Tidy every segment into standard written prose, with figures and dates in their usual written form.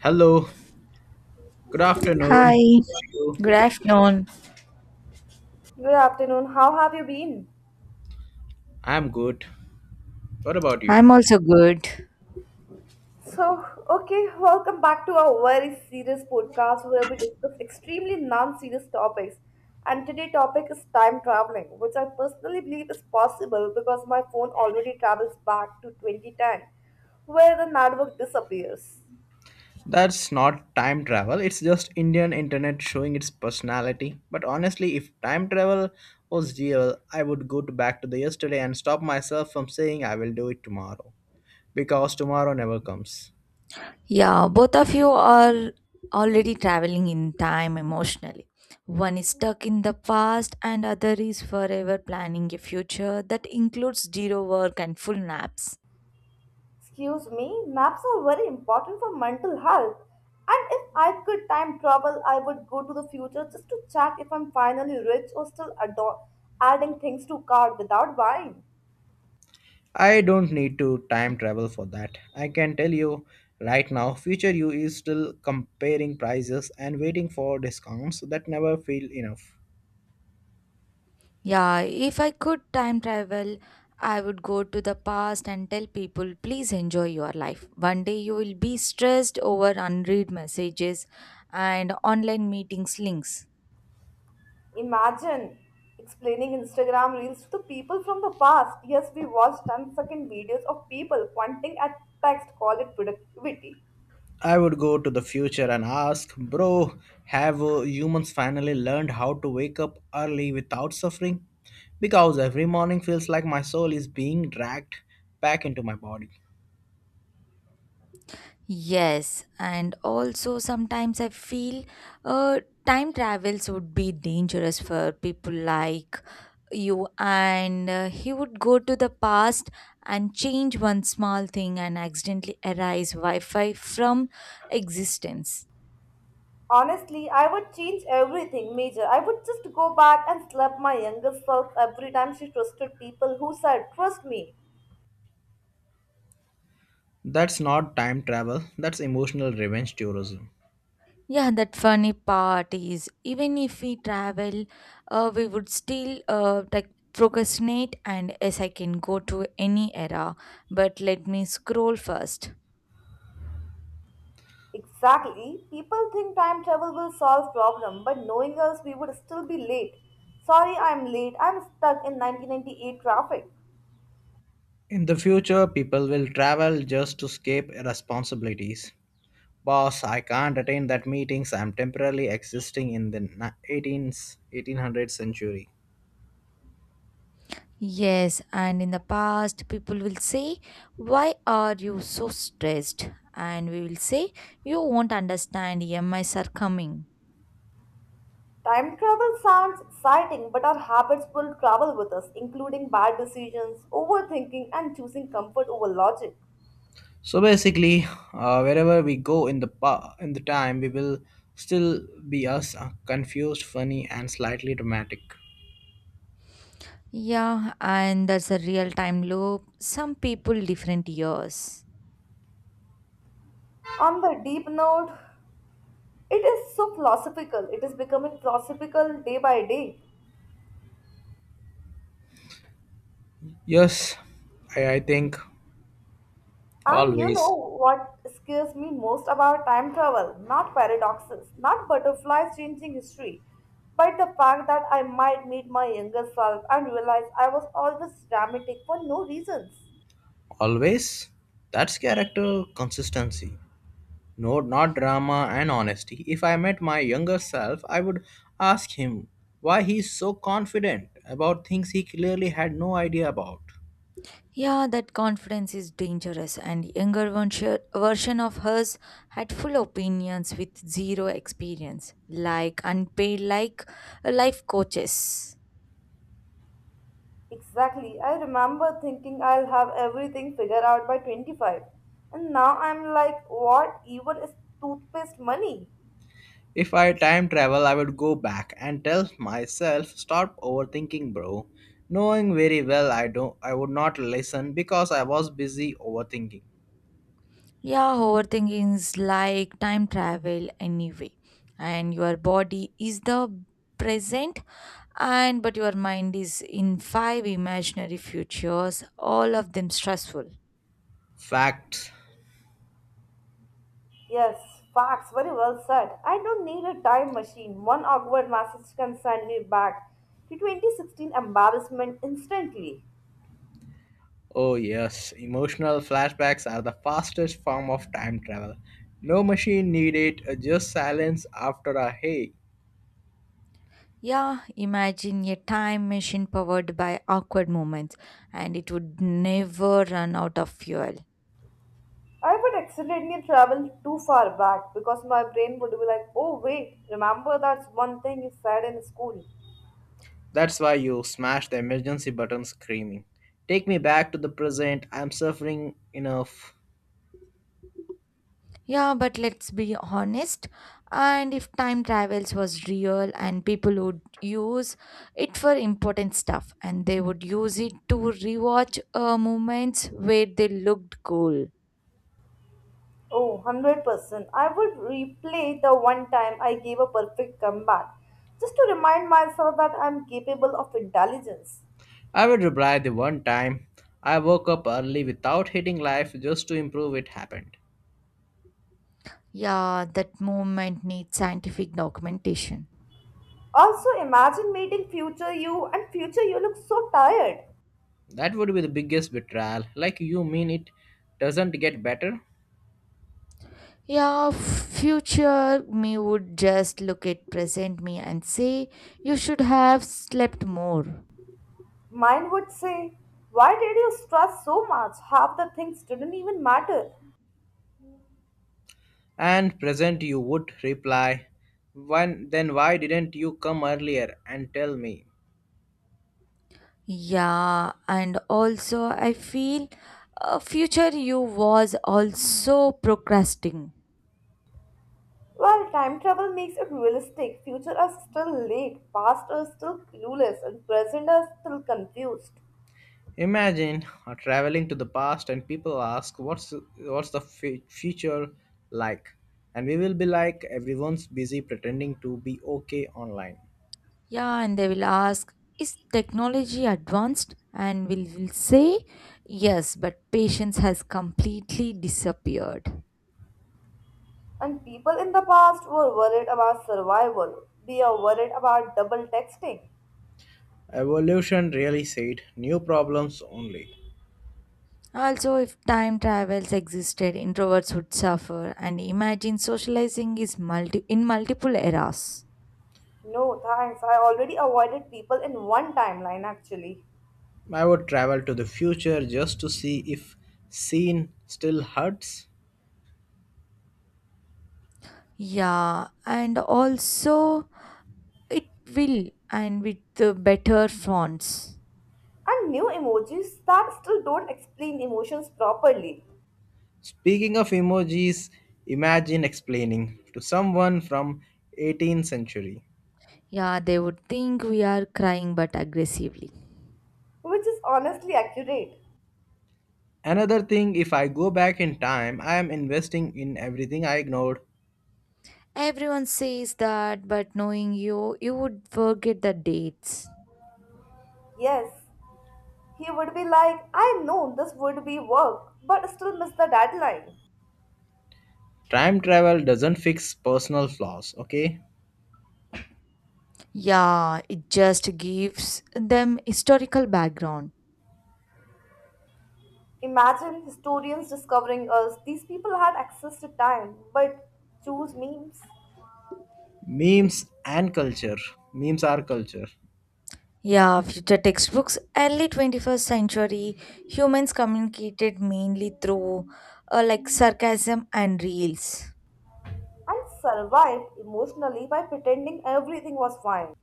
Hello, good Hi, afternoon. How are you? good afternoon. Good afternoon. How have you been? I'm good. What about you? I'm also good. Welcome back to our very serious podcast where we discuss extremely non-serious topics. And today's topic is time traveling, which I personally believe is possible because my phone already travels back to 2010, where the network disappears. That's not time travel, it's just Indian internet showing its personality. But honestly, if time travel was real, I would go to back to the yesterday and stop myself from saying I will do it tomorrow. Because tomorrow never comes. Yeah, both of you are already traveling in time emotionally. One is stuck in the past, and other is forever planning a future that includes zero work and full naps. Excuse me, maps are very important for mental health. And if I could time travel, I would go to the future just to check if I'm finally rich or still adding things to cart without buying. I don't need to time travel for that. I can tell you right now, future you is still comparing prices and waiting for discounts that never feel enough. Yeah, if I could time travel, I would go to the past and tell people, please enjoy your life. One day you will be stressed over unread messages and online meetings links. Imagine explaining Instagram reels to the people from the past. Yes, we watched ten-second videos of people pointing at text, call it productivity. I would go to the future and ask, bro, have humans finally learned how to wake up early without suffering? Because every morning feels like my soul is being dragged back into my body. Yes, and also sometimes I feel time travels would be dangerous for people like you, and he would go to the past and change one small thing and accidentally erase Wi Fi from existence. Honestly, I would change everything, Major. I would just go back and slap my younger self every time she trusted people who said, "Trust me." That's not time travel, that's emotional revenge tourism. Yeah, that funny part is even if we travel, we would still like procrastinate, and yes, I can go to any era, but let me scroll first. Exactly. People think time travel will solve problem, but knowing us, we would still be late. Sorry, I'm late. I'm stuck in 1998 traffic. In the future, people will travel just to escape responsibilities. Boss, I can't attend that meetings. I'm temporarily existing in the 18th, 1800th century. Yes, and in the past, people will say, why are you so stressed? And we will say, you won't understand, E M Is are coming. Time travel sounds exciting, but our habits will travel with us, including bad decisions, overthinking, and choosing comfort over logic. So basically, wherever we go in the in the time, we will still be us, confused, funny, and slightly dramatic. Yeah, and that's a real time loop. Some people, different years. On the deep note, it is so philosophical. It is becoming philosophical day by day. Yes, I think And you always, know what scares me most about time travel? Not paradoxes, not butterflies changing history, but the fact that I might meet my younger self and realize I was always dramatic for no reasons. always. That's character consistency. No, not drama and honesty. If I met my younger self, I would ask him why he's so confident about things he clearly had no idea about. Yeah, that confidence is dangerous, and younger version of hers had full opinions with zero experience, like unpaid, like life coaches. Exactly, I remember thinking I'll have everything figured out by 25, and now I'm like, what even is toothpaste money? If I time travel, I would go back and tell myself, stop overthinking, bro. Knowing very well I would not listen because I was busy overthinking. Yeah, overthinking is like time travel anyway. And your body is the present and but your mind is in five imaginary futures, all of them stressful. Facts. Yes, facts, very well said. I don't need a time machine. One awkward message can send me back to 2016 embarrassment instantly. Oh yes, emotional flashbacks are the fastest form of time travel. No machine needed, just silence after a hey. Yeah, imagine a time machine powered by awkward moments and it would never run out of fuel. I would accidentally travel too far back because my brain would be like, oh, wait, remember that's one thing you said in school. That's why you smash the emergency button screaming. Take me back to the present. I'm suffering enough. Yeah, but let's be honest. And if time travels was real and people would use it for important stuff and they would use it to rewatch moments where they looked cool. Oh, 100%. I would replay the one time I gave a perfect comeback just to remind myself that I'm capable of intelligence. I would reply the one time I woke up early without hating life just to improve it happened. Yeah, that moment needs scientific documentation. Also, imagine meeting future you and future you looks so tired. That would be the biggest betrayal. Like you mean it doesn't get better? Yeah, future me would just look at present me and say, you should have slept more. Mine would say, "Why did you stress so much? Half the things didn't even matter." And present you would reply, when, then why didn't you come earlier and tell me? Yeah, and also I feel future you was also procrastinating. Well, time travel makes it realistic. Future us still late, past us still clueless, and present us still confused. Imagine traveling to the past and people ask, what's the future like? And we will be like, everyone's busy pretending to be okay online. Yeah, and they will ask, is technology advanced? And we will say, yes, but patience has completely disappeared. And people in the past were worried about survival. They are worried about double texting. Evolution really said new problems only. Also, if time travels existed, introverts would suffer, and imagine socializing is multi in multiple eras. No, thanks. I already avoided people in one timeline actually. I would travel to the future just to see if seen still hurts. Yeah, and also it will, and with the better fonts. And new emojis that still don't explain emotions properly, Speaking of emojis, imagine explaining to someone from 18th century. Yeah, they would think we are crying but aggressively. which is honestly accurate. Another thing if I go back in time, I am investing in everything I ignored. Everyone says that, but knowing you, you would forget the dates. Yes, he would be like, I know this would be work, but still miss the deadline. Time travel doesn't fix personal flaws, okay? Yeah, it just gives them historical background. Imagine historians discovering us. These people had access to time, but choose memes Memes and culture. Memes are culture. Yeah, future textbooks. Early 21st century, humans communicated mainly through like sarcasm and reels. and survived emotionally by pretending everything was fine.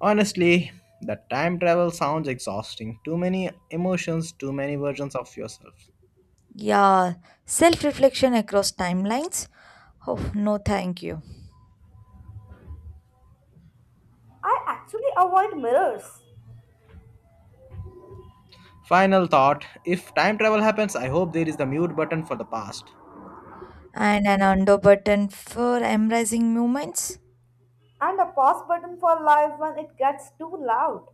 Honestly, the time travel sounds exhausting. Too many emotions, too many versions of yourself. Yeah, self reflection across timelines. Oh, no, thank you. I actually avoid mirrors Final thought if time travel happens, I hope there is the mute button for the past. And an undo button for embracing moments. and a pause button for life when it gets too loud.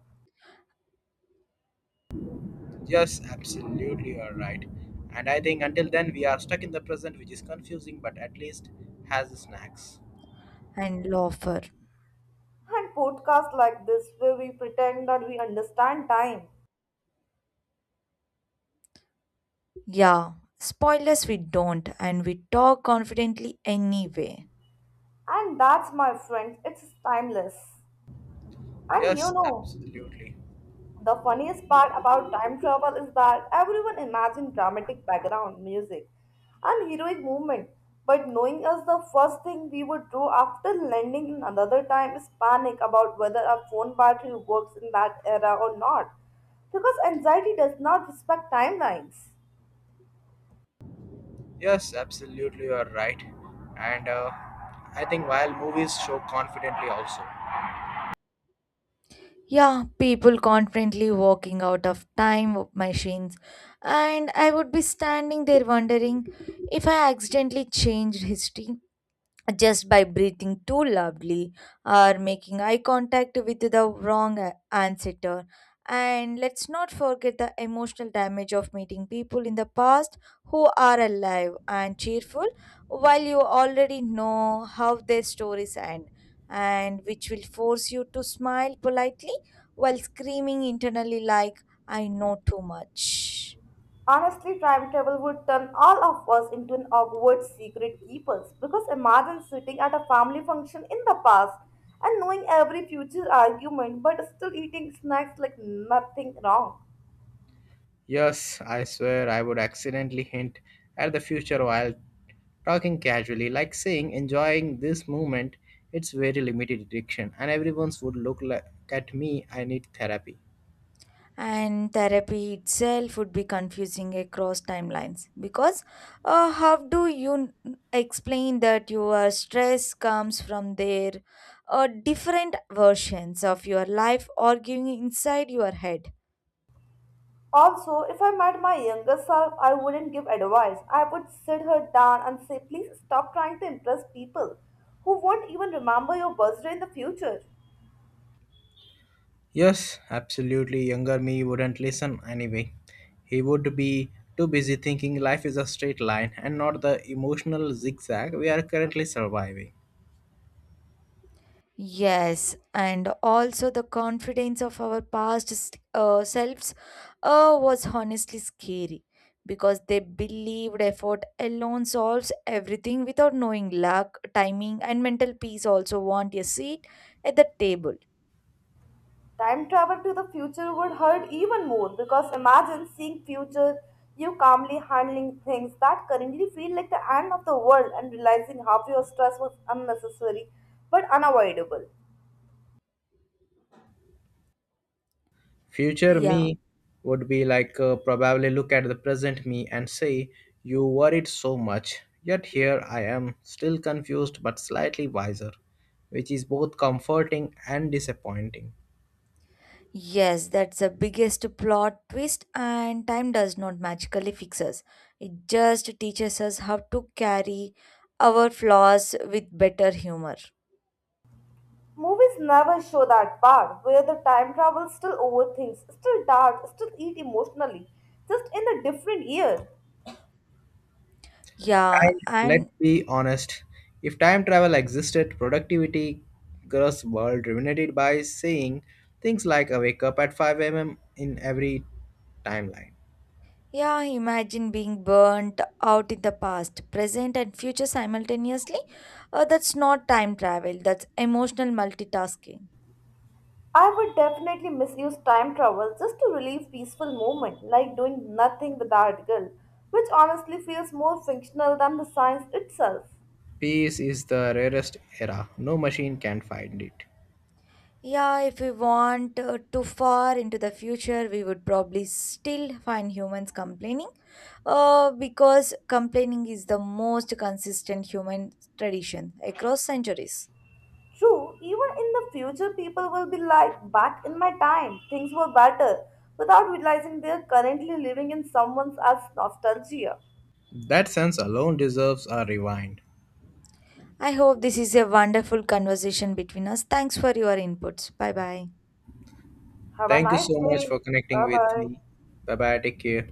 Yes, absolutely, you are right. And I think until then, we are stuck in the present, which is confusing but at least has the snacks. And loafer, And podcasts like this, where we pretend that we understand time. yeah, spoilers we don't, and we talk confidently anyway. And that's my friends, it's timeless. And you Yes, know, absolutely. the funniest part about time travel is that everyone imagines dramatic background music and heroic movement, but knowing us the first thing we would do after landing in another time is panic about whether our phone battery works in that era or not, because anxiety does not respect timelines. Yes, absolutely, you are right. And I think while movies show confidently also. Yeah, people confidently walking out of time machines, and I would be standing there wondering if I accidentally changed history just by breathing too loudly or making eye contact with the answer. And let's not forget the emotional damage of meeting people in the past who are alive and cheerful while you already know how their stories end, and which will force you to smile politely while screaming internally, like, I know too much. Honestly, time travel would turn all of us into an awkward secret keepers because imagine sitting at a family function in the past and knowing every future argument but still eating snacks like nothing wrong. Yes, I swear I would accidentally hint at the future while talking casually, like saying, enjoying this moment, it's very limited addiction, and everyone's would look like, at me, I need therapy. And therapy itself would be confusing across timelines because how do you n- explain that your stress comes from their different versions of your life arguing inside your head. Also, if I met my younger self, I wouldn't give advice. I would sit her down and say, please stop trying to impress people who won't even remember your birthday in the future. Yes, absolutely, younger me wouldn't listen anyway. He would be too busy thinking life is a straight line and not the emotional zigzag we are currently surviving. Yes, and also the confidence of our selves was honestly scary because they believed effort alone solves everything without knowing luck, timing, and mental peace also want a seat at the table. Time travel to the future would hurt even more because imagine seeing future you calmly handling things that currently feel like the end of the world and realizing half your stress was unnecessary but unavoidable. Future Yeah, me would be like probably look at the present me and say, you worried so much, yet here I am, still confused but slightly wiser, which is both comforting and disappointing. yes, that's the biggest plot twist, and time does not magically fix us. It just teaches us how to carry our flaws with better humor. Movies never show that part where the time travel still overthinks, still doubts, still eat emotionally, just in a different year. Yeah, And let's and be honest, if time travel existed, productivity gross world remunerated by saying things like a wake up at 5 a.m. in every timeline. Yeah, imagine being burnt out in the past, present, and future simultaneously. That's not time travel, that's emotional multitasking. I would definitely misuse time travel just to relieve peaceful moment, like doing nothing without guilt, which honestly feels more functional than the science itself. Peace is the rarest era, no machine can find it. Yeah, if we want too far into the future, we would probably still find humans complaining because complaining is the most consistent human tradition across centuries. True, even in the future, people will be like, back in my time, things were better, without realizing they are currently living in someone else's nostalgia. That sense alone deserves a rewind. I hope this is a wonderful conversation between us. Thanks for your inputs. Bye bye. Have a Thank you nice so much day. for connecting Bye with bye. me. Bye bye. Take care.